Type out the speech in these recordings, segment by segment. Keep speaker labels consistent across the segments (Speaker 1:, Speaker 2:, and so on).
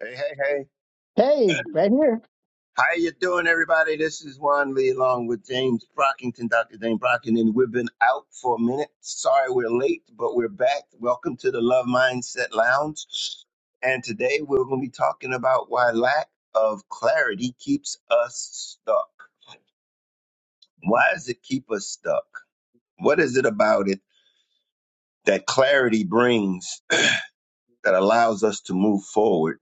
Speaker 1: Hey, hey, hey.
Speaker 2: Hey, right here.
Speaker 1: How you doing, everybody? This is Juan Lee along with James Brockington, Dr. James Brockington. We've been out for a minute. Sorry we're late, but we're back. Welcome to the Love Mindset Lounge. And today we're going to be talking about why lack of clarity keeps us stuck. Why does it keep us stuck? What is it about it that clarity brings that allows us to move forward?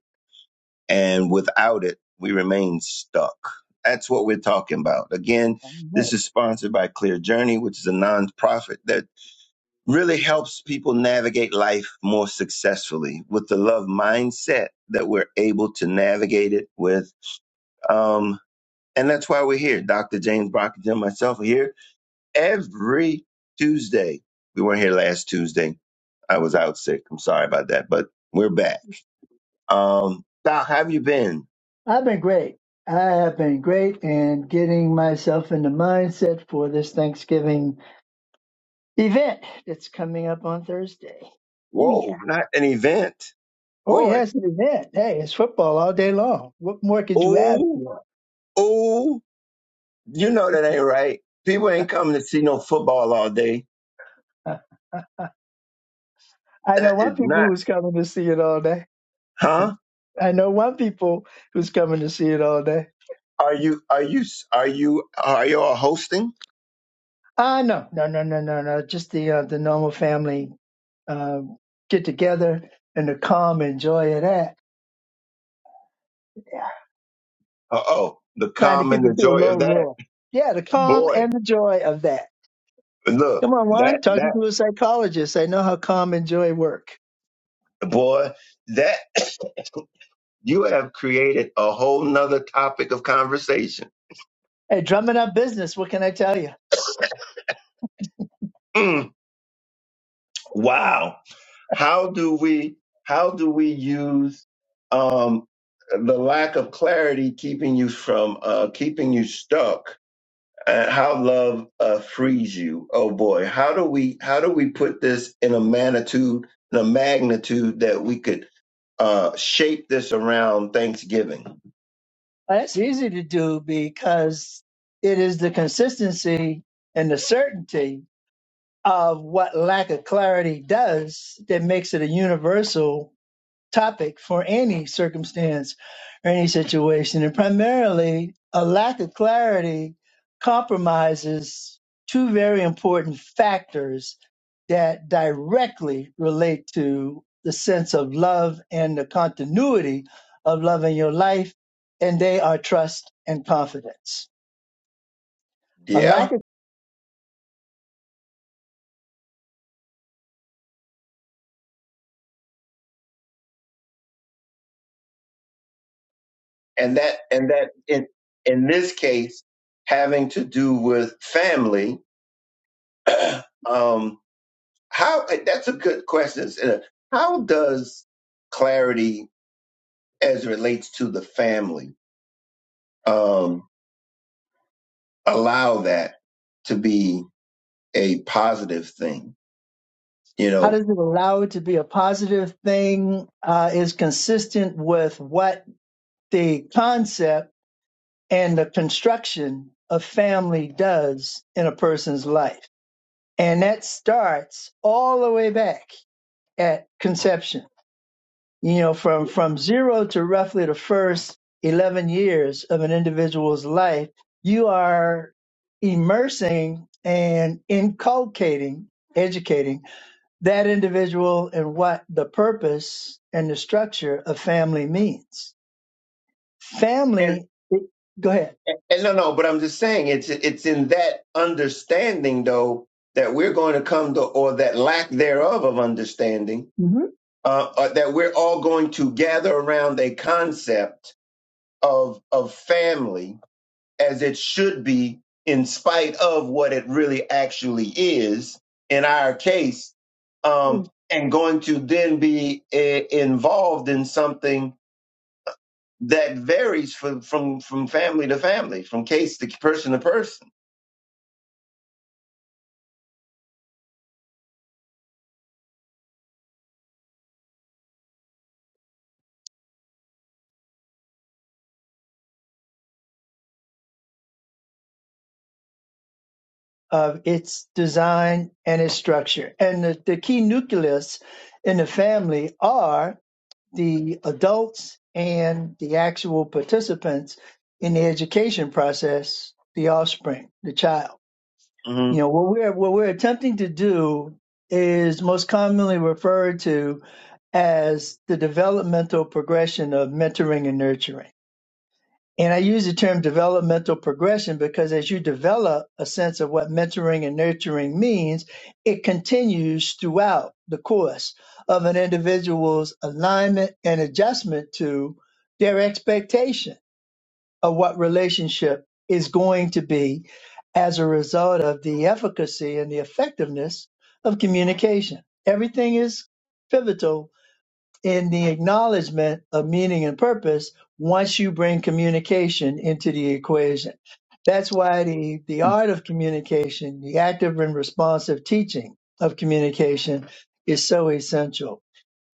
Speaker 1: And without it, we remain stuck. That's what we're talking about. Again,
Speaker 2: I'm
Speaker 1: this
Speaker 2: great.
Speaker 1: is sponsored by Clear Journey, which is a nonprofit that really helps people navigate life more successfully with the love mindset that we're able to navigate it with. Um, and that's why we're here. Dr. James Brockington and myself are here every Tuesday. We weren't here last Tuesday. I was out sick. I'm sorry about that, but we're back. Um, Doc, how have you been?
Speaker 2: I've been great. I have been great in getting myself in the mindset for this Thanksgiving event that's coming up on Thursday. Oh, yeah.
Speaker 1: Whoa, not an event.
Speaker 2: Oh,
Speaker 1: Boy,
Speaker 2: yeah, it's an event. Hey, it's football all day long. What more could you ask
Speaker 1: ooh,
Speaker 2: for?
Speaker 1: ooh, you know that ain't right. People ain't coming to see no football all day.
Speaker 2: Uh, I
Speaker 1: That
Speaker 2: know one
Speaker 1: is
Speaker 2: people
Speaker 1: not,
Speaker 2: who's coming to see it all day.
Speaker 1: huh?
Speaker 2: I know one people who's coming to see it all day.
Speaker 1: Are you, are you, are you, are you all hosting?
Speaker 2: Ah, no, no, no, no, no, no. Just the uh, the normal family uh, get together and the calm and joy of that.
Speaker 1: Uh oh, the
Speaker 2: trying to
Speaker 1: calm and
Speaker 2: keep
Speaker 1: the
Speaker 2: it to a
Speaker 1: joy
Speaker 2: low
Speaker 1: of that.
Speaker 2: roar. Yeah, the calm
Speaker 1: Boy,
Speaker 2: and the joy of that.
Speaker 1: look,
Speaker 2: Come on,
Speaker 1: that,
Speaker 2: Juan, talking to
Speaker 1: that,
Speaker 2: a psychologist. I know how calm and joy work.
Speaker 1: boy, that, you have created a whole nother topic of conversation.
Speaker 2: Hey, drumming up business, what can I tell you?
Speaker 1: Mm. Wow. How do we how do we use um, the lack of clarity keeping you from uh, keeping you stuck? And how love uh, frees you. Oh boy, how do we how do we put this in a magnitude in a magnitude that we could uh, shape this around Thanksgiving?
Speaker 2: Well, That's easy to do because it is the consistency and the certainty of what lack of clarity does that makes it a universal topic for any circumstance or any situation. And primarily, a lack of clarity compromises two very important factors that directly relate to the sense of love and the continuity of love in your life, and they are trust and confidence. A
Speaker 1: Yeah,
Speaker 2: lack of
Speaker 1: and that and that in in this case having to do with family. um, How that's a good question. Uh, How does clarity, as it relates to the family, um, allow that to be a positive thing? You
Speaker 2: how
Speaker 1: know,
Speaker 2: does it allow it to be a positive thing uh, is consistent with what the concept and the construction a family does in a person's life. And that starts all the way back at conception, you know, from, from zero to roughly the first 11 years of an individual's life, you are immersing and inculcating, educating that individual in what the purpose and the structure of family means.
Speaker 1: and
Speaker 2: Family, go ahead.
Speaker 1: and no, no, but I'm just saying it's it's in that understanding though that we're going to come to, or that lack thereof of understanding,
Speaker 2: Mhm.
Speaker 1: uh, uh, that we're all going to gather around a concept of of family as it should be in spite of what it really actually is in our case um, and going to then be eh, involved in something that varies from, from from family to family from case to person to person
Speaker 2: of its design and its structure. And the, the key nucleus in the family are the adults and the actual participants in the education process, the offspring, the child. You
Speaker 1: mm-hmm.
Speaker 2: know, what we're, what we're attempting to do is most commonly referred to as the developmental progression of mentoring and nurturing and I use the term developmental progression because as you develop a sense of what mentoring and nurturing means, it continues throughout the course of an individual's alignment and adjustment to their expectation of what relationship is going to be as a result of the efficacy and the effectiveness of communication. Everything is pivotal in the acknowledgement of meaning and purpose once you bring communication into the equation. That's why the, the art of communication, the active and responsive teaching of communication is so essential.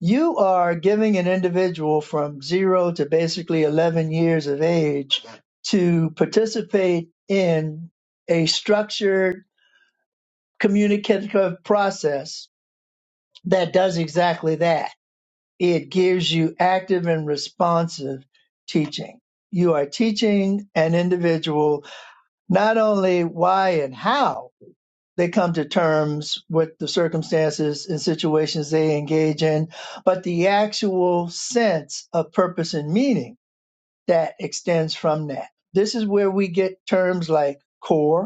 Speaker 2: You are giving an individual from zero to basically 11 years of age to participate in a structured communicative process that does exactly that it gives you active and responsive teaching. You are teaching an individual not only why and how they come to terms with the circumstances and situations they engage in, but the actual sense of purpose and meaning that extends from that. This is where we get terms like core,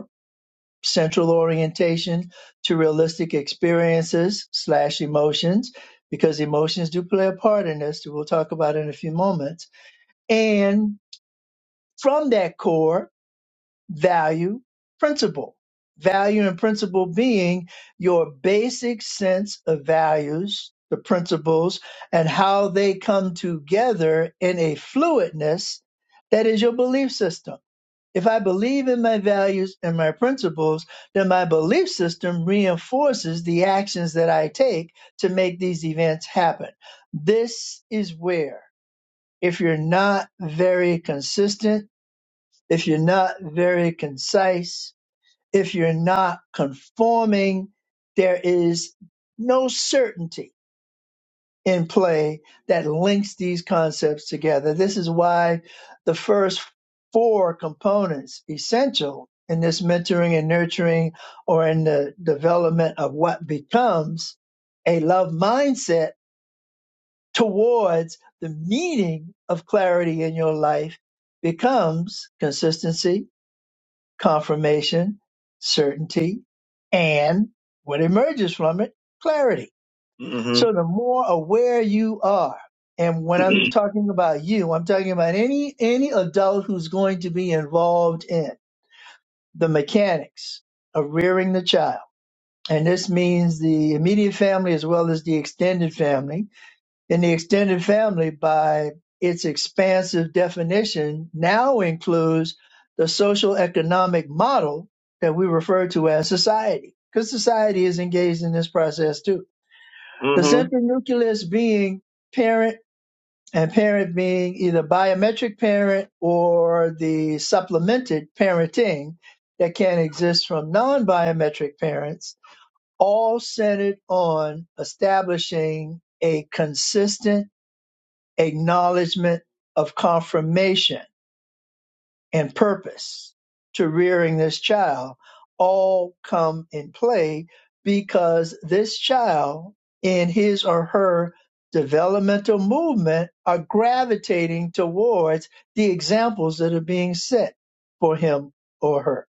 Speaker 2: central orientation to realistic experiences slash emotions because emotions do play a part in this we'll talk about it in a few moments and from that core value principle value and principle being your basic sense of values the principles and how they come together in a fluidness that is your belief system if I believe in my values and my principles, then my belief system reinforces the actions that I take to make these events happen. This is where, if you're not very consistent, if you're not very concise, if you're not conforming, there is no certainty in play that links these concepts together. This is why the first four components essential in this mentoring and nurturing or in the development of what becomes a love mindset towards the meaning of clarity in your life becomes consistency, confirmation, certainty, and what emerges from it, clarity so
Speaker 1: Mm-hmm.
Speaker 2: the more aware you are, and when I'm talking about you, I'm talking about any any adult who's going to be involved in the mechanics of rearing the child. And this means the immediate family as well as the extended family. And the extended family, by its expansive definition, now includes the social economic model that we refer to as society, because society is engaged in this process too the
Speaker 1: Mm-hmm.
Speaker 2: central nucleus being parent and parent being either biometric parent or the supplemented parenting that can exist from non biometric parents, all centered on establishing a consistent acknowledgement of confirmation and purpose to rearing this child all come in play because this child in his or her developmental movement are gravitating towards the examples that are being set for him or her.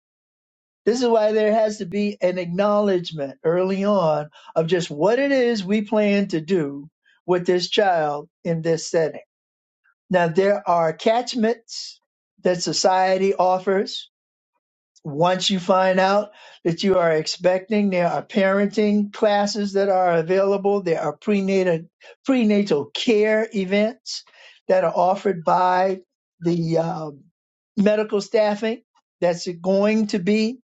Speaker 2: This is why there has to be an acknowledgement early on of just what it is we plan to do with this child in this setting. Now, there are catchments that society offers once you find out that you are expecting, there are parenting classes that are available. There are prenatal prenatal care events that are offered by the um, medical staffing that's going to be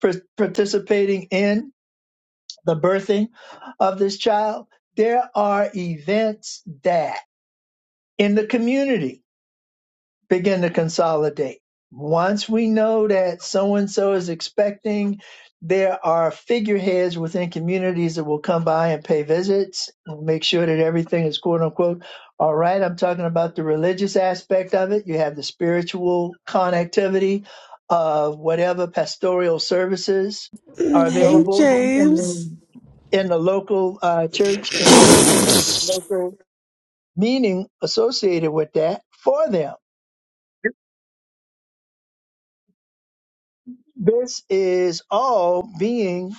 Speaker 2: par- participating in the birthing of this child. There are events that in the community begin to consolidate. Once we know that so and so is expecting, there are figureheads within communities that will come by and pay visits and make sure that everything is quote unquote all right. I'm talking about the religious aspect of it. You have the spiritual connectivity of whatever pastoral services are
Speaker 3: Hey,
Speaker 2: available in
Speaker 3: James.
Speaker 2: the, in the local uh, church and in the local meaning associated with that for them This is all being,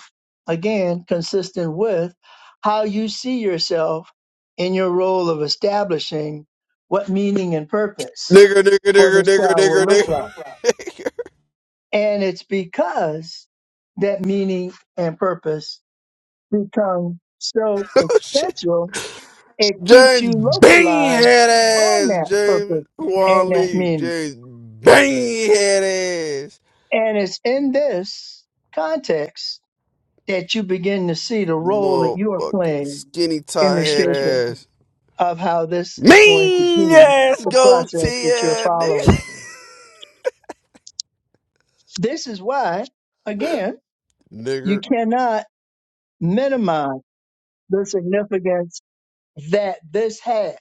Speaker 2: again, consistent with how you see yourself in your role of establishing what meaning and purpose
Speaker 3: Nigga, nigga,
Speaker 2: for this child will
Speaker 3: nigga,
Speaker 2: look
Speaker 3: nigga.
Speaker 2: like. And it's because that meaning and purpose become so essential, it keeps
Speaker 3: James
Speaker 2: you
Speaker 3: Bean
Speaker 2: localized
Speaker 3: head
Speaker 2: on
Speaker 3: ass.
Speaker 2: that purpose
Speaker 3: James
Speaker 2: and
Speaker 3: Juan
Speaker 2: that
Speaker 3: Lee.
Speaker 2: meaning.
Speaker 3: James Bean head ass.
Speaker 2: And it's in this context that you begin to see the role that you are
Speaker 3: Motherfucking
Speaker 2: playing
Speaker 3: skinny
Speaker 2: in
Speaker 3: tie
Speaker 2: the
Speaker 3: head
Speaker 2: shaping
Speaker 3: ass.
Speaker 2: of how this is going to
Speaker 3: Mean
Speaker 2: be
Speaker 3: ass
Speaker 2: the
Speaker 3: goatee.
Speaker 2: process that you're
Speaker 3: tag nigga.
Speaker 2: following. This is why, again, you
Speaker 3: Nigga.
Speaker 2: cannot minimize the significance that this has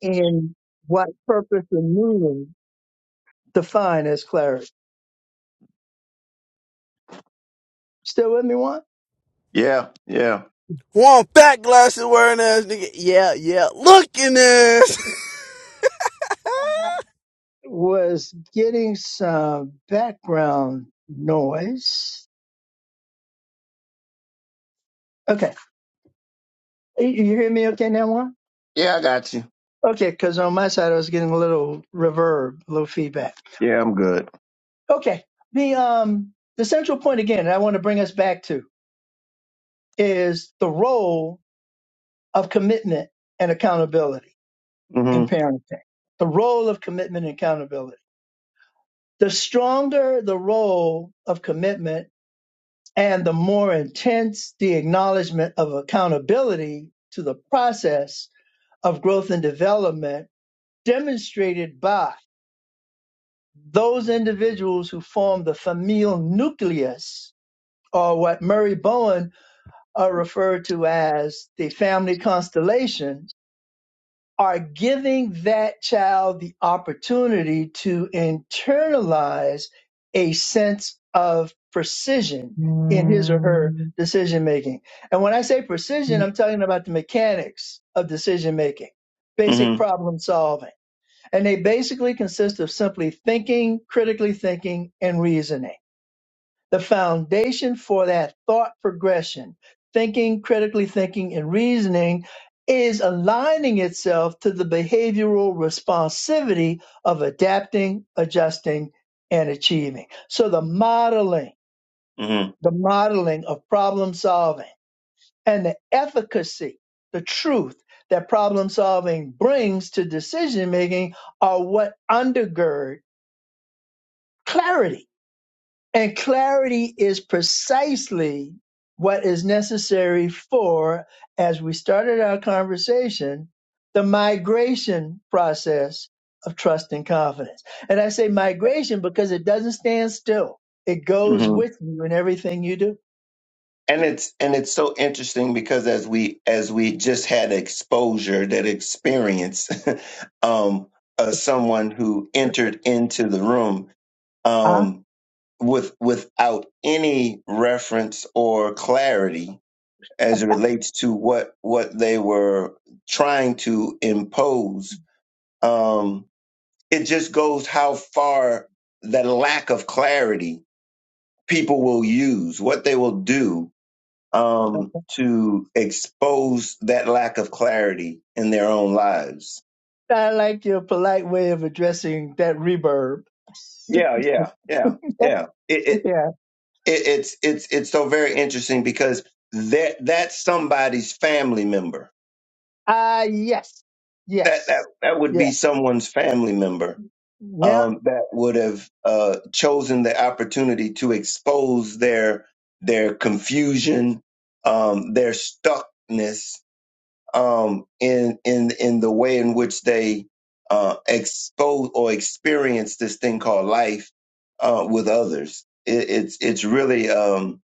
Speaker 2: in what purpose and meaning define as clarity. Still with me, one?
Speaker 1: yeah yeah
Speaker 3: Juan fat glasses wearing ass nigga. Yeah, yeah. Looking ass.
Speaker 2: Was getting some background noise. Okay. You you hear me okay now, one?
Speaker 1: yeah i got you
Speaker 2: Okay, because on my side I was getting a little reverb, a little feedback.
Speaker 1: yeah i'm good
Speaker 2: Okay, the um the central point again, and I want to bring us back to is the role of commitment and accountability in
Speaker 1: mm-hmm.
Speaker 2: parenting. The role of commitment and accountability. The stronger the role of commitment and the more intense the acknowledgement of accountability to the process of growth and development demonstrated by Those individuals who form the familial nucleus, or what Murray Bowen uh, referred to as the family constellation, are giving that child the opportunity to internalize a sense of precision in his or her
Speaker 1: Mm-hmm.
Speaker 2: decision making. And when I say precision, I'm talking about the mechanics of decision making, basic
Speaker 1: Mm-hmm.
Speaker 2: problem solving and they basically consist of simply thinking, critically thinking, and reasoning. The foundation for that thought progression, thinking, critically thinking, and reasoning is aligning itself to the behavioral responsivity of adapting, adjusting, and achieving. So the modeling,
Speaker 1: Mm-hmm.
Speaker 2: the modeling of problem solving and the efficacy, the truth that problem solving brings to decision making are what undergird clarity. And clarity is precisely what is necessary for, as we started our conversation, the migration process of trust and confidence. And I say migration because it doesn't stand still. It goes with you in everything you do.
Speaker 1: and it's and it's so interesting because as we as we just had exposure that experience um uh, someone who entered into the room
Speaker 2: Ah,
Speaker 1: um with without any reference or clarity as it relates to what what they were trying to impose um it just goes how far the lack of clarity people will use what they will do um, to expose that lack of clarity in their own lives.
Speaker 2: I like your polite way of addressing that reverb.
Speaker 1: Yeah, yeah, yeah, yeah. It, it,
Speaker 2: Yeah.
Speaker 1: it it's it's it's so very interesting because that that's somebody's family member.
Speaker 2: Ah, yes.
Speaker 1: That that
Speaker 2: Yes.
Speaker 1: that would be
Speaker 2: Yes.
Speaker 1: someone's family member
Speaker 2: Yeah.
Speaker 1: um, that would have uh, chosen the opportunity to expose their their confusion, um, their stuckness um, in in in the way in which they uh, expose or experience this thing called life uh, with others. It, it's it's really um,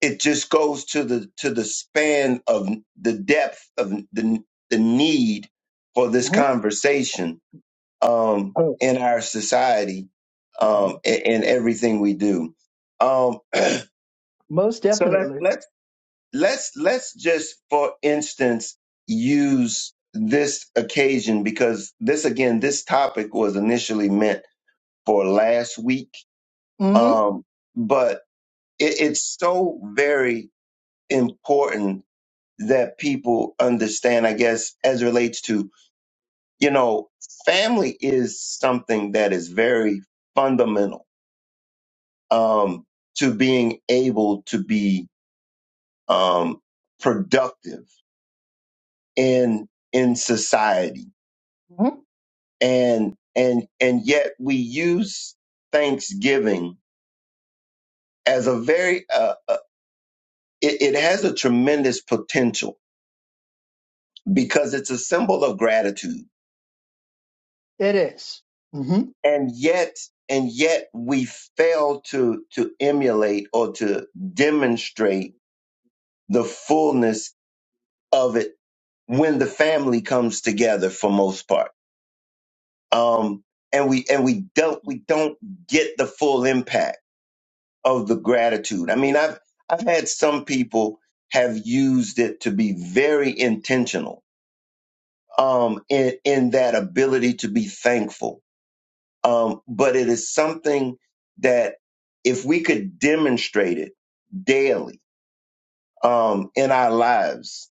Speaker 1: it just goes to the to the span of the depth of the the need for this
Speaker 2: hmm
Speaker 1: conversation um, in our society um, and, and everything we do. Um,
Speaker 2: Most
Speaker 1: so let
Speaker 2: definitely.
Speaker 1: let's let's let's just for instance use this occasion because this again this topic was initially meant for last week
Speaker 2: Mm-hmm.
Speaker 1: um but it, it's so very important that people understand i guess as it relates to you know family is something that is very fundamental um to being able to be um productive in in society
Speaker 2: Mm-hmm.
Speaker 1: and and and yet we use thanksgiving as a very uh, uh, it, it has a tremendous potential because it's a symbol of gratitude
Speaker 2: It is. Mhm.
Speaker 1: and yet and yet we fail to to emulate or to demonstrate the fullness of it when the family comes together for most part um and we and we don't we don't get the full impact of the gratitude. I mean, I've I've had some people have used it to be very intentional um, in in that ability to be thankful. Um, but it is something that if we could demonstrate it daily um, in our lives,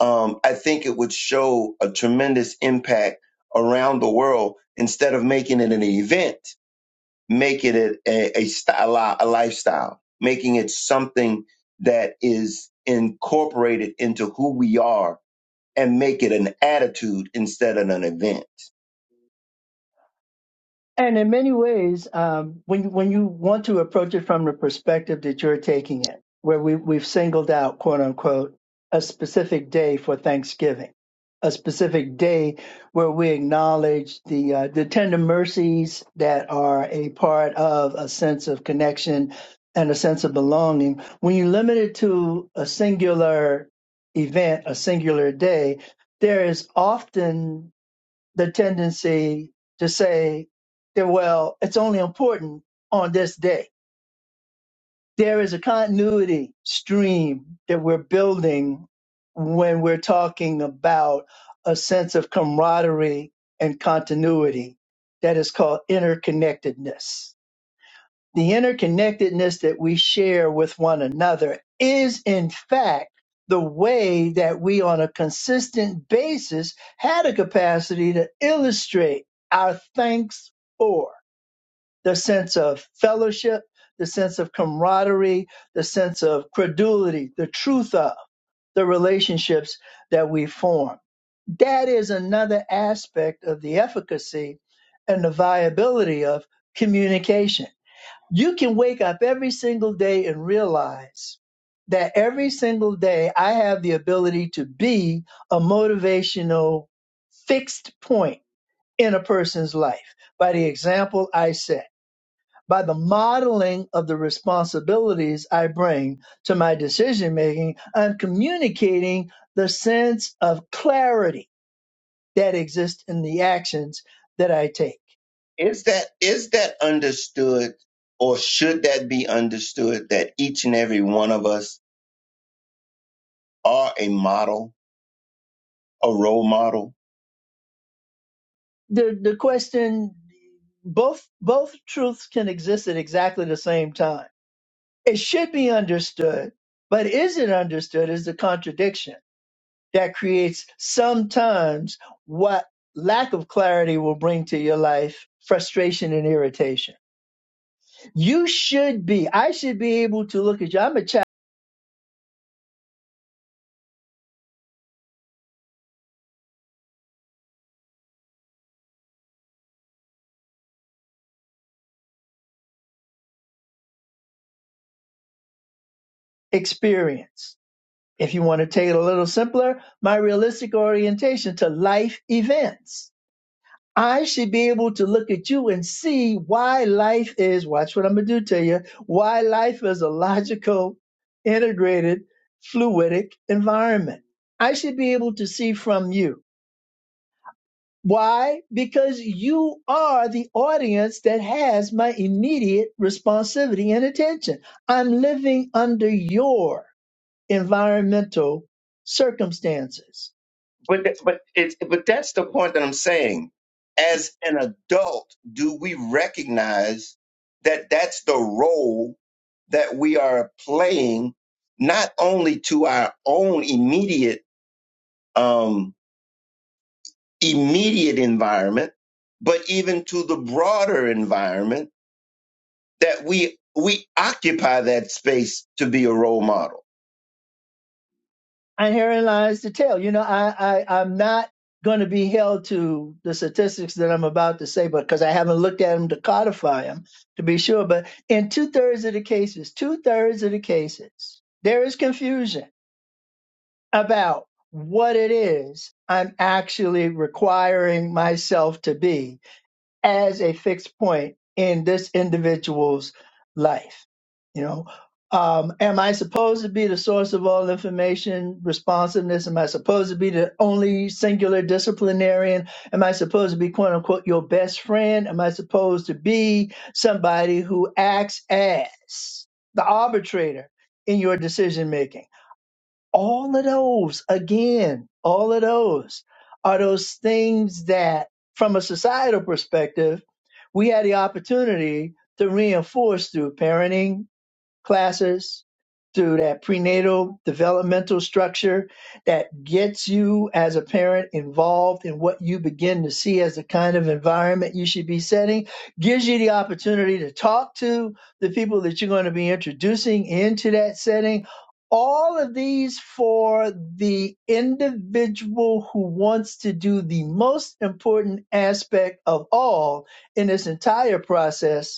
Speaker 1: um, I think it would show a tremendous impact around the world instead of making it an event making it a, a, sty- a lifestyle, making it something that is incorporated into who we are and make it an attitude instead of an event.
Speaker 2: And in many ways, um, when you, when you want to approach it from the perspective that you're taking it, where we, we've singled out, quote unquote, a specific day for Thanksgiving, a specific day where we acknowledge the uh, the tender mercies that are a part of a sense of connection and a sense of belonging. When you limit it to a singular event, a singular day, there is often the tendency to say that, well, it's only important on this day. There is a continuity stream that we're building when we're talking about a sense of camaraderie and continuity that is called interconnectedness the interconnectedness that we share with one another is in fact the way that we on a consistent basis had a capacity to illustrate our thanks for the sense of fellowship, the sense of camaraderie, the sense of credulity, the truth of the relationships that we form. That is another aspect of the efficacy and the viability of communication you can wake up every single day and realize that every single day I have the ability to be a motivational fixed point in a person's life by the example I set, by the modeling of the responsibilities I bring to my decision making. I'm communicating the sense of clarity that exists in the actions that I take.
Speaker 1: Is that is that understood or should that be understood that each and every one of us are a model, a role model
Speaker 2: the the question both both truths can exist at exactly the same time it should be understood but is it understood is the contradiction that creates sometimes what lack of clarity will bring to your life frustration and irritation you should be i should be able to look at you i'm a child experience if you want to take it a little simpler my realistic orientation to life events I should be able to look at you and see why life is, watch what I'm going to do to you, why life is a logical, integrated, fluidic environment. I should be able to see from you. Why? Because you are the audience that has my immediate responsivity and attention. I'm living under your environmental circumstances.
Speaker 1: but th- but it's but that's the point that I'm saying. As an adult, do we recognize that that's the role that we are playing, not only to our own immediate um, immediate environment, but even to the broader environment that we we occupy that space to be a role model.
Speaker 2: And herein lies the tale. You know, I, I I'm not going to be held to the statistics that I'm about to say, but because I haven't looked at them to codify them to be sure. But in two thirds of the cases, two thirds of the cases, there is confusion about what it is I'm actually requiring myself to be as a fixed point in this individual's life you know um, am i supposed to be the source of all information responsiveness am i supposed to be the only singular disciplinarian am i supposed to be quote unquote your best friend am i supposed to be somebody who acts as the arbitrator in your decision making all of those again all of those are those things that from a societal perspective we had the opportunity to reinforce through parenting classes, through that prenatal developmental structure that gets you as a parent involved in what you begin to see as the kind of environment you should be setting, gives you the opportunity to talk to the people that you're going to be introducing into that setting. All of these for the individual who wants to do the most important aspect of all in this entire process,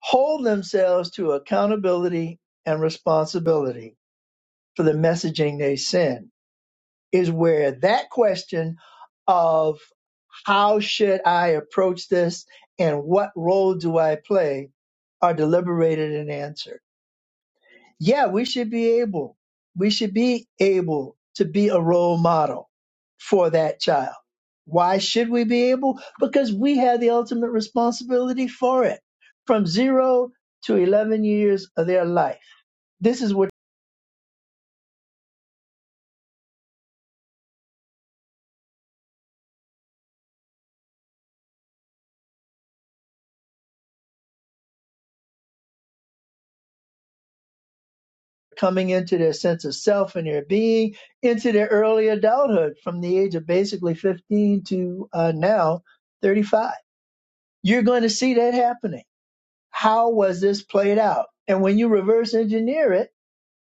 Speaker 2: hold themselves to accountability and responsibility for the messaging they send is where that question of how should I approach this and what role do I play are deliberated and answered yeah, we should be able, we should be able to be a role model for that child. Why should we be able? Because we have the ultimate responsibility for it. From zero to 11 years of their life, this is what coming into their sense of self and their being into their early adulthood from the age of basically 15 to uh, now 35. You're going to see that happening. How was this played out? And when you reverse engineer it,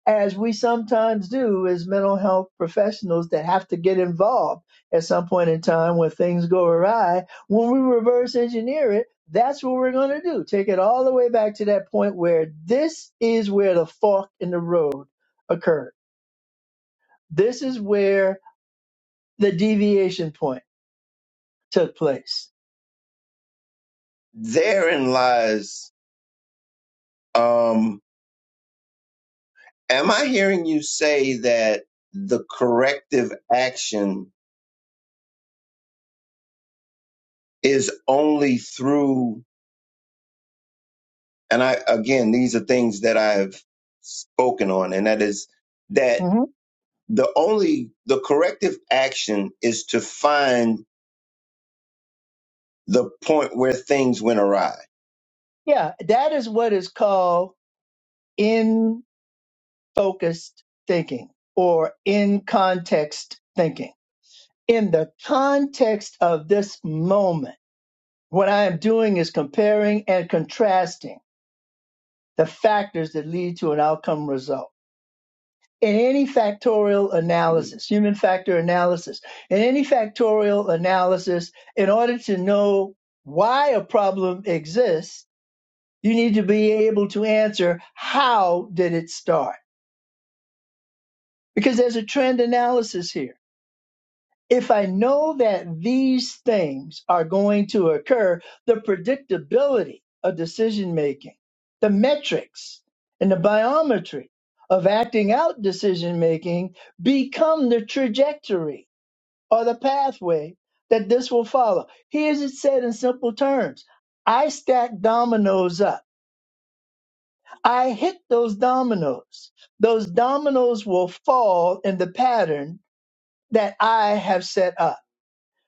Speaker 2: as we sometimes do as mental health professionals that have to get involved at some point in time when things go awry. When we reverse engineer it, that's what we're going to do. Take it all the way back to that point where this is where the fork in the road occurred. This is where the deviation point took place.
Speaker 1: Therein lies um, Am I hearing you say that the corrective action is only through, and I, again, these are things that I've spoken on, and that is that
Speaker 2: hmm
Speaker 1: the only, the corrective action is to find the point where things went awry.
Speaker 2: Yeah, that is what is called in focused thinking or in context thinking in the context of this moment, what I am doing is comparing and contrasting the factors that lead to an outcome result. In any factorial analysis, human factor analysis, in any factorial analysis, in order to know why a problem exists, you need to be able to answer how did it start? Because there's a trend analysis here if I know that these things are going to occur, the predictability of decision making, the metrics, and the biometry of acting out decision making become the trajectory or the pathway that this will follow. Here's it said in simple terms I stack dominoes up, I hit those dominoes. Those dominoes will fall in the pattern that I have set up.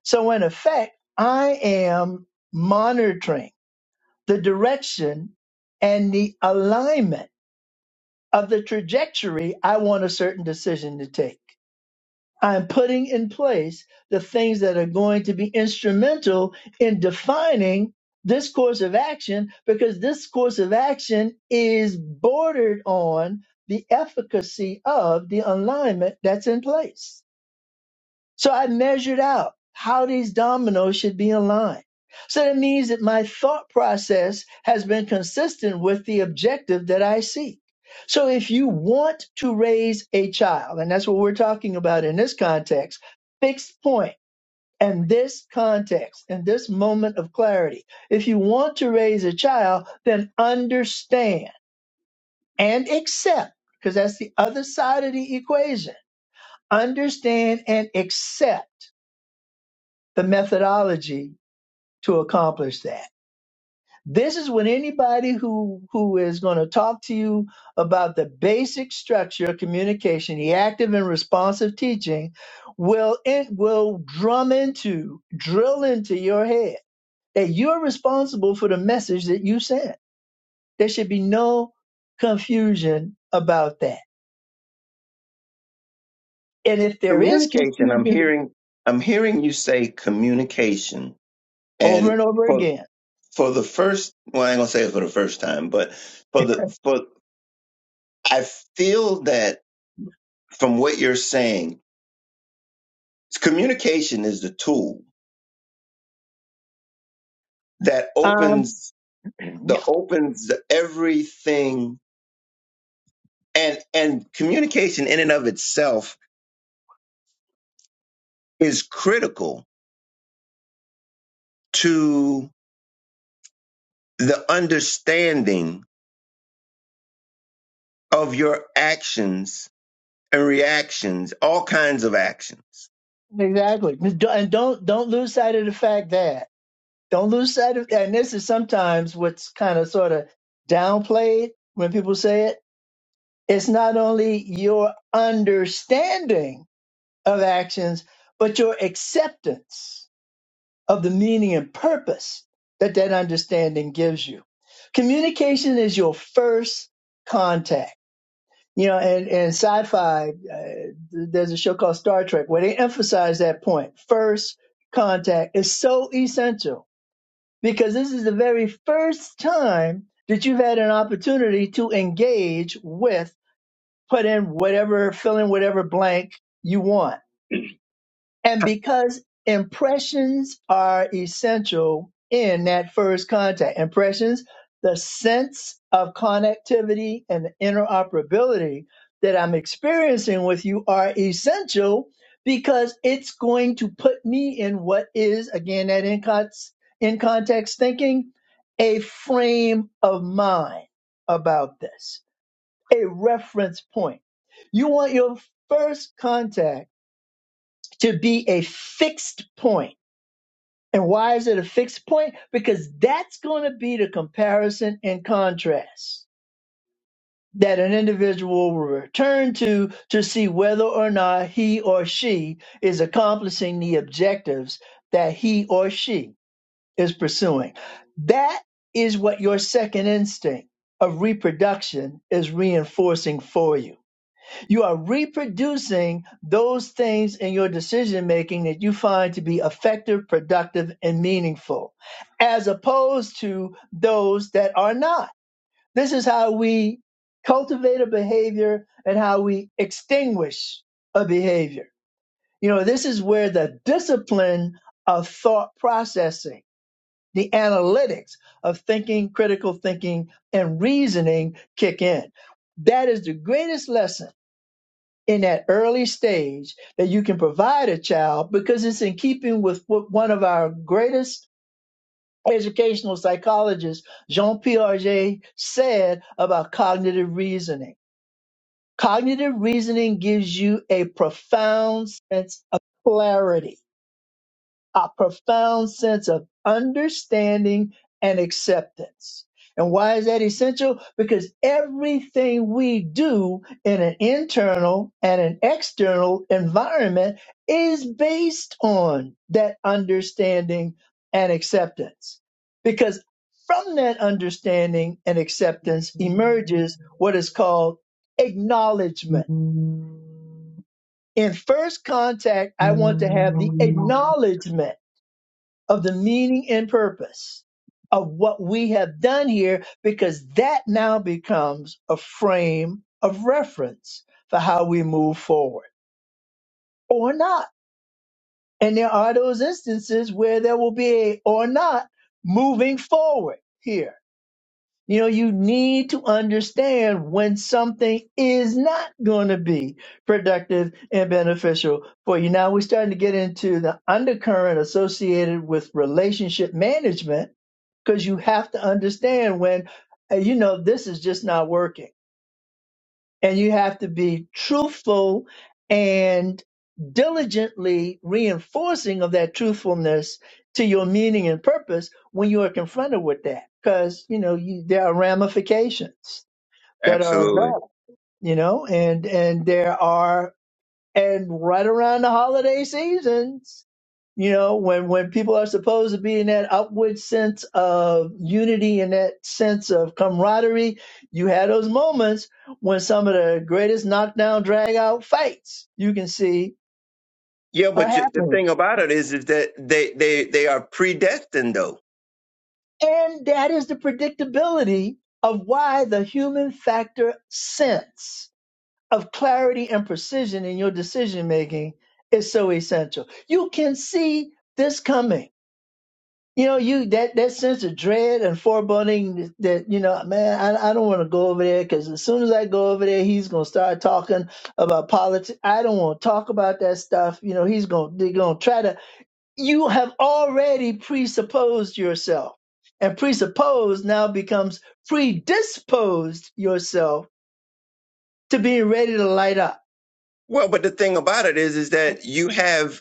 Speaker 2: So, in effect, I am monitoring the direction and the alignment of the trajectory I want a certain decision to take. I'm putting in place the things that are going to be instrumental in defining this course of action because this course of action is bordered on the efficacy of the alignment that's in place. So I measured out how these dominoes should be aligned. So that means that my thought process has been consistent with the objective that I seek. So if you want to raise a child, and that's what we're talking about in this context, fixed point and this context and this moment of clarity. If you want to raise a child, then understand and accept, because that's the other side of the equation. Understand and accept the methodology to accomplish that. This is when anybody who who is going to talk to you about the basic structure of communication, the active and responsive teaching, will it will drum into, drill into your head that you're responsible for the message that you sent. There should be no confusion about that. And if there is
Speaker 1: Communication, I'm
Speaker 2: confusion
Speaker 1: hearing, I'm hearing you say communication.
Speaker 2: over
Speaker 1: And
Speaker 2: and over
Speaker 1: for,
Speaker 2: again,
Speaker 1: for the first, well, I ain't gonna say it for the first time, but for the, for, I feel that from what you're saying, communication is the tool that
Speaker 2: um,
Speaker 1: opens the
Speaker 2: yeah,
Speaker 1: opens the everything and and communication in and of itself is critical to the understanding of your actions and reactions, all kinds of actions.
Speaker 2: exactly. And don't don't lose sight of the fact that don't lose sight of that, and this is sometimes what's kind of sort of downplayed when people say it it's not only your understanding of actions but your acceptance of the meaning and purpose that that understanding gives you communication is your first contact you know and, and sci-fi uh, there's a show called star trek where they emphasize that point. point first contact is so essential because this is the very first time that you've had an opportunity to engage with, put in whatever, fill in whatever blank you want and because impressions are essential in that first contact, impressions, the sense of connectivity and interoperability that I'm experiencing with you are essential because it's going to put me in what is, again, that in, con- in context thinking, a frame of mind about this, a reference point. You want your first contact to be a fixed point. And why is it a fixed point? Because that's going to be the comparison and contrast that an individual will return to to see whether or not he or she is accomplishing the objectives that he or she is pursuing. That is what your second instinct of reproduction is reinforcing for you you are reproducing those things in your decision making that you find to be effective, productive, and meaningful, as opposed to those that are not. This is how we cultivate a behavior and how we extinguish a behavior. You know, this is where the discipline of thought processing, the analytics of thinking, critical thinking, and reasoning kick in. That is the greatest lesson in that early stage that you can provide a child because it's in keeping with what one of our greatest educational psychologists, Jean Piaget, said about cognitive reasoning. Cognitive reasoning gives you a profound sense of clarity a profound sense of understanding and acceptance. And why is that essential? Because everything we do in an internal and an external environment is based on that understanding and acceptance. Because from that understanding and acceptance emerges what is called acknowledgement. In first contact, I want to have the acknowledgement of the meaning and purpose of what we have done here because that now becomes a frame of reference for how we move forward or not. And there are those instances where there will be a or not moving forward here. You know, you need to understand when something is not going to be productive and beneficial for you. Now we're starting to get into the undercurrent associated with relationship management because you have to understand when uh, you know this is just not working and you have to be truthful and diligently reinforcing of that truthfulness to your meaning and purpose when you are confronted with that because you know you, there are ramifications that are
Speaker 1: Absolutely.
Speaker 2: involved you know and and there are and right around the holiday season you know when when people are supposed to be in that upward sense of unity and that sense of camaraderie you had those moments when some of the greatest knockdown drag out fights you can see
Speaker 1: Yeah,
Speaker 2: are
Speaker 1: but you, the
Speaker 2: happening
Speaker 1: thing about it is, is that they, they, they are predestined though.
Speaker 2: and that is the predictability of why the human factor sense of clarity and precision in your decision making is so essential you can see this coming You know, you that that sense of dread and foreboding that you know, man, I, I don't want to go over there because as soon as I go over there, he's gonna start talking about politics. I don't want to talk about that stuff. You know, he's gonna they're gonna try to. You have already presupposed yourself, and presupposed now becomes predisposed yourself to being ready to light up,
Speaker 1: Well, but the thing about it is, is that you have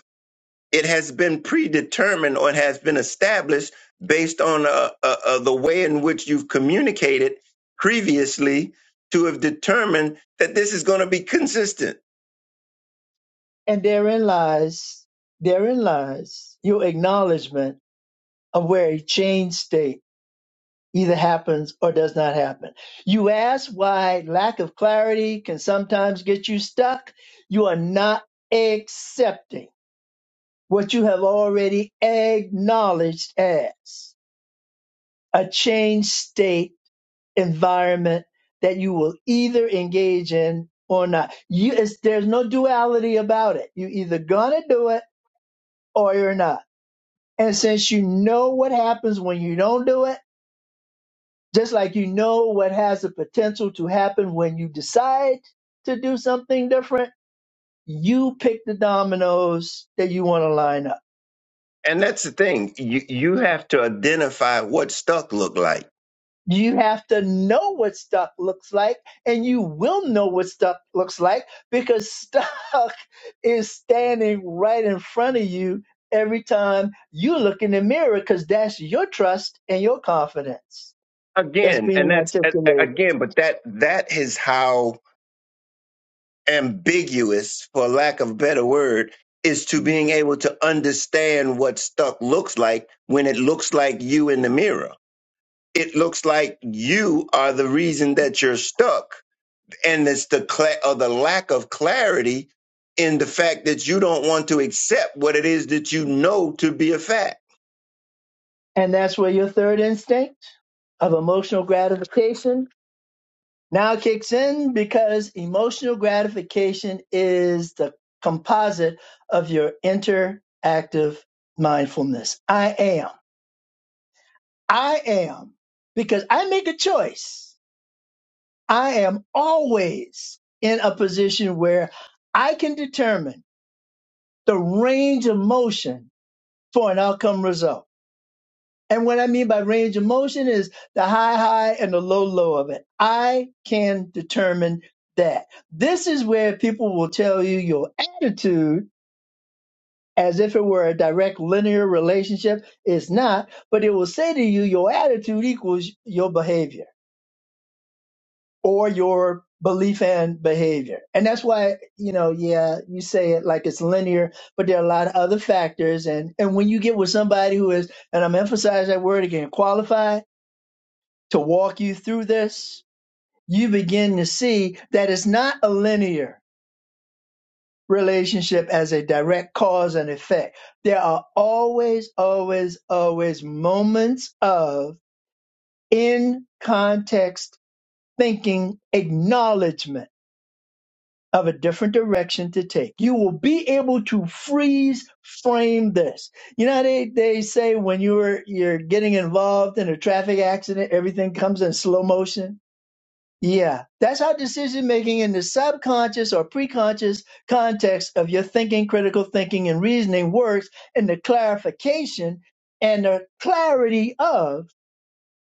Speaker 1: it has been predetermined or it has been established based on uh, uh, uh, the way in which you've communicated previously to have determined that this is going to be consistent.
Speaker 2: and therein lies therein lies your acknowledgement of where a change state either happens or does not happen. You ask why lack of clarity can sometimes get you stuck. You are not accepting what you have already acknowledged as a change state environment that you will either engage in or not. You, it's, there's no duality about it. You either gonna do it or you're not. And since you know what happens when you don't do it, Just like you know what has the potential to happen when you decide to do something different, you pick the dominoes that you want to line up.
Speaker 1: And that's the thing. You, you have to identify what stuck look like
Speaker 2: You have to know what stuck looks like, and you will know what stuck looks like because stuck is standing right in front of you every time you look in the mirror because that's your trust and your confidence that's
Speaker 1: again. And
Speaker 2: being
Speaker 1: that's a- a-
Speaker 2: articulated.
Speaker 1: again, but that, that is how ambiguous, for lack of a better word, is to being able to understand what stuck looks like when it looks like you in the mirror it looks like you are the reason that you're stuck and it's the cla or the lack of clarity in the fact that you don't want to accept what it is that you know to be a fact
Speaker 2: And that's where your third instinct of emotional gratification Now kicks in because emotional gratification is the composite of your interactive mindfulness. I am. I am. Because I make a choice. I am always in a position where I can determine the range of motion for an outcome result. And what I mean by range of motion is the high, high and the low, low of it. I can determine that. This is where people will tell you your attitude as if it were a direct linear relationship. It's not, but it will say to you, your attitude equals your behavior or your belief and behavior. And that's why, you know, yeah, you say it like it's linear, but there are a lot of other factors. And, and when you get with somebody who is, and I'm emphasizing that word again, qualified, to walk you through this, you begin to see that it's not a linear relationship as a direct cause and effect. There are always, always, always moments of in context thinking, acknowledgement of a different direction to take. You will be able to freeze frame this. You know, they, they say when you're, you're getting involved in a traffic accident, everything comes in slow motion Yeah, that's how decision making in the subconscious or preconscious context of your thinking, critical thinking, and reasoning works in the clarification and the clarity of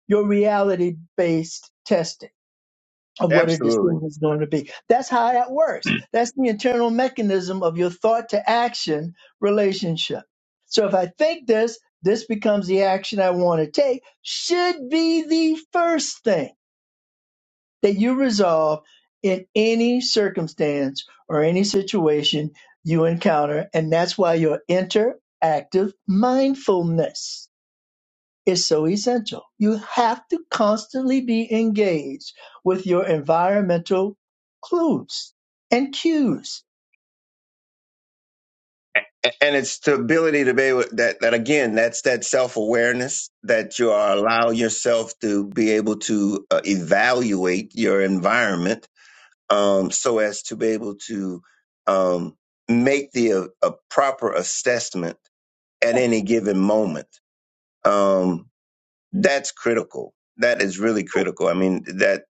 Speaker 2: your reality based testing of what a
Speaker 1: absolutely
Speaker 2: decision is going to be. That's how that works. That's the internal mechanism of your thought to action relationship. So if I think this, this becomes the action I want to take, should be the first thing that you resolve in any circumstance or any situation you encounter. And that's why your interactive mindfulness is so essential. You have to constantly be engaged with your environmental clues and cues.
Speaker 1: A- and it's the ability to be able that that again that's that self-awareness that you are allow yourself to be able to uh, evaluate your environment um, so as to be able to um, make the uh, a proper assessment at any given moment um, that's critical. That is really critical. I mean, that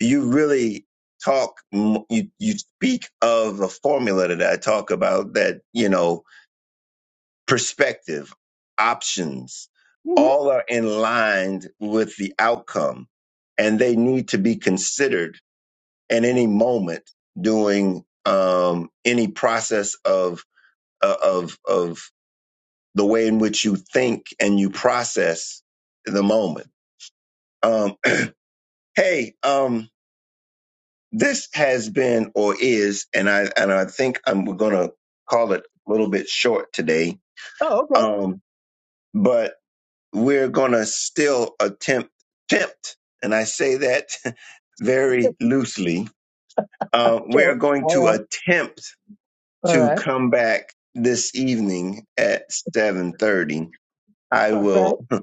Speaker 1: you really talk, m- you, you speak of a formula that I talk about that, you know, perspective, options,
Speaker 2: Mhm.
Speaker 1: all are in line with the outcome and they need to be considered at any moment during um, any process of, uh, of, of the way in which you think and you process the moment Um. Hey, um, this has been or is, and I and I think I'm we're gonna call it a little bit short today.
Speaker 2: Oh, okay.
Speaker 1: Um, but we're gonna still attempt attempt, and I say that very loosely. Uh, we are
Speaker 2: Okay.
Speaker 1: going
Speaker 2: All
Speaker 1: to
Speaker 2: right.
Speaker 1: attempt
Speaker 2: All
Speaker 1: to
Speaker 2: right.
Speaker 1: come back this evening at seven thirty. I
Speaker 2: All right.
Speaker 1: will.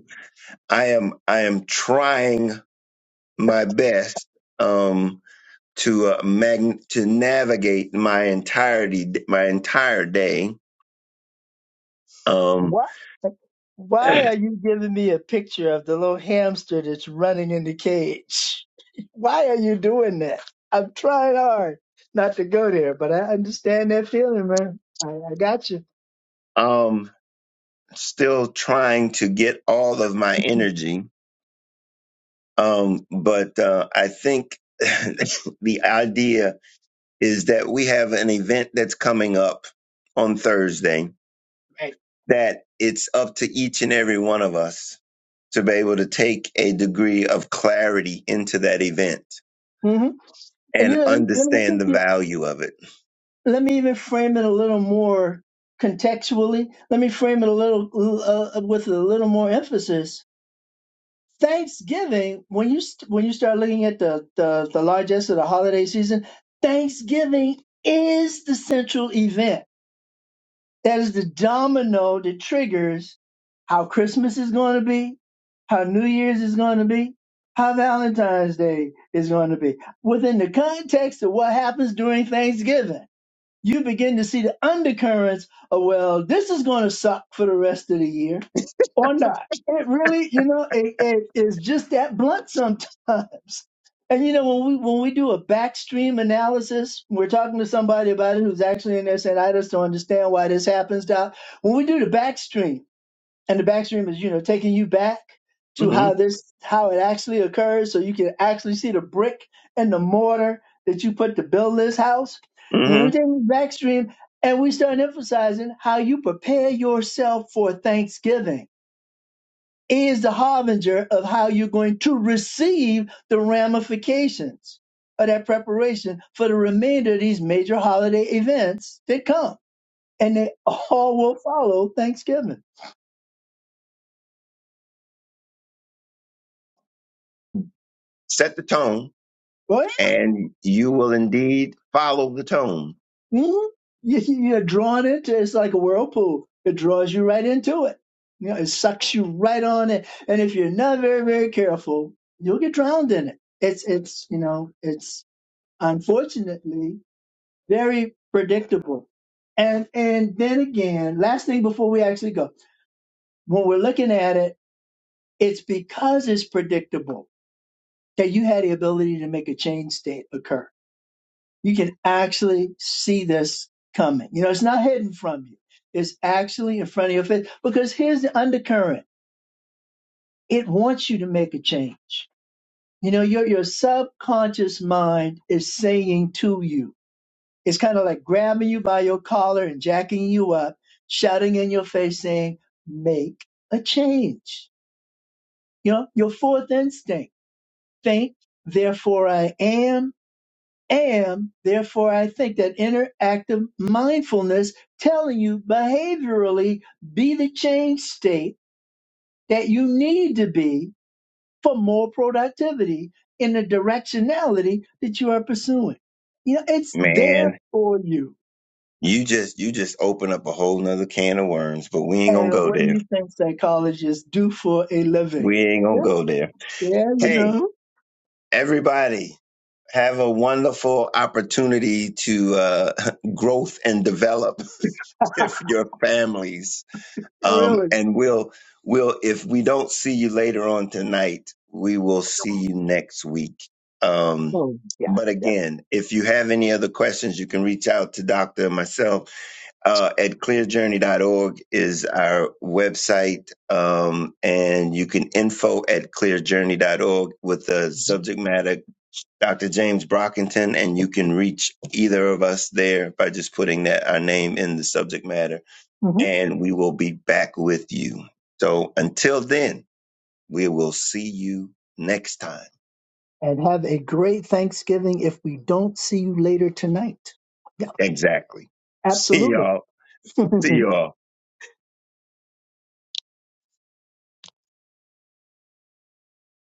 Speaker 1: I am. I am trying my best. Um, to uh, mag- to navigate my entirety my entire day um
Speaker 2: Why? Why are you giving me a picture of the little hamster that's running in the cage? Why are you doing that? I'm trying hard not to go there, but I understand that feeling, man. I, I got you.
Speaker 1: um still trying to get all of my energy um but uh i think the idea is that we have an event that's coming up on Thursday
Speaker 2: Right.
Speaker 1: that it's up to each and every one of us to be able to take a degree of clarity into that event
Speaker 2: hmm And you
Speaker 1: and
Speaker 2: know, let me, let me
Speaker 1: understand
Speaker 2: take
Speaker 1: the
Speaker 2: you.
Speaker 1: value of it
Speaker 2: Let me even frame it a little more contextually. Let me frame it a little uh, with a little more emphasis Thanksgiving, when you st- when you start looking at the, the the largest of the holiday season, Thanksgiving is the central event. That is the domino that triggers how Christmas is going to be, how New Year's is going to be, how Valentine's Day is going to be. Within the context of what happens during Thanksgiving, you begin to see the undercurrents of well, this is going to suck for the rest of the year or not. It really, you know, it, it is just that blunt sometimes. And you know, when we when we do a backstream analysis, we're talking to somebody about it who's actually in there saying, "I just don't understand why this happens." Doc. When we do the backstream, and the backstream is you know taking you back to
Speaker 1: hmm
Speaker 2: how this how it actually occurs, so you can actually see the brick and the mortar that you put to build this house. When
Speaker 1: hmm
Speaker 2: we take the backstream, and we start emphasizing how you prepare yourself for Thanksgiving is the harbinger of how you're going to receive the ramifications of that preparation for the remainder of these major holiday events that come. And they all will follow Thanksgiving.
Speaker 1: set the tone
Speaker 2: Right?
Speaker 1: and you will indeed follow the tone
Speaker 2: Mhm. You- You're drawn into it. It's like a whirlpool. It draws you right into it. You know, it sucks you right on it. And if you're not very, very careful, you'll get drowned in it. It's, it's, you know, it's unfortunately very predictable. And and then again, last thing before we actually go, when we're looking at it, it's because it's predictable that you had the ability to make a change state occur. You can actually see this coming. You know, it's not hidden from you. It's actually in front of your face because here's the undercurrent. It wants you to make a change. You know, your your subconscious mind is saying to you It's kind of like grabbing you by your collar and jacking you up, shouting in your face, saying, Make a change. You know, your fourth instinct think, therefore I am, am, therefore I think. That interactive mindfulness telling you behaviorally, be the change state that you need to be for more productivity in the directionality that you are pursuing. You know, it's there
Speaker 1: man
Speaker 2: for you
Speaker 1: you just you just open up a whole nother can of worms but we ain't gonna
Speaker 2: And
Speaker 1: go
Speaker 2: what do
Speaker 1: there
Speaker 2: you think psychologists do for a living?
Speaker 1: we ain't gonna
Speaker 2: Yes,
Speaker 1: go there
Speaker 2: yeah, you
Speaker 1: hey
Speaker 2: know,
Speaker 1: everybody have a wonderful opportunity to uh, growth and develop with your families Um,
Speaker 2: really.
Speaker 1: and we'll we'll if we don't see you later on tonight, we will see you next week. Um,
Speaker 2: Oh, yeah.
Speaker 1: but
Speaker 2: yeah.
Speaker 1: again, if you have any other questions, you can reach out to Doctor and myself uh, at clearjourney.org is our website, um, and you can info at clearjourney.org with the subject matter Dr. James Brockington, and you can reach either of us there by just putting that our name in the subject matter
Speaker 2: hmm
Speaker 1: and we will be back with you. So until then, we will see you next time.
Speaker 2: And have a great Thanksgiving if we don't see you later tonight. Yeah,
Speaker 1: Exactly. See
Speaker 2: absolutely.
Speaker 1: y'all. See y'all.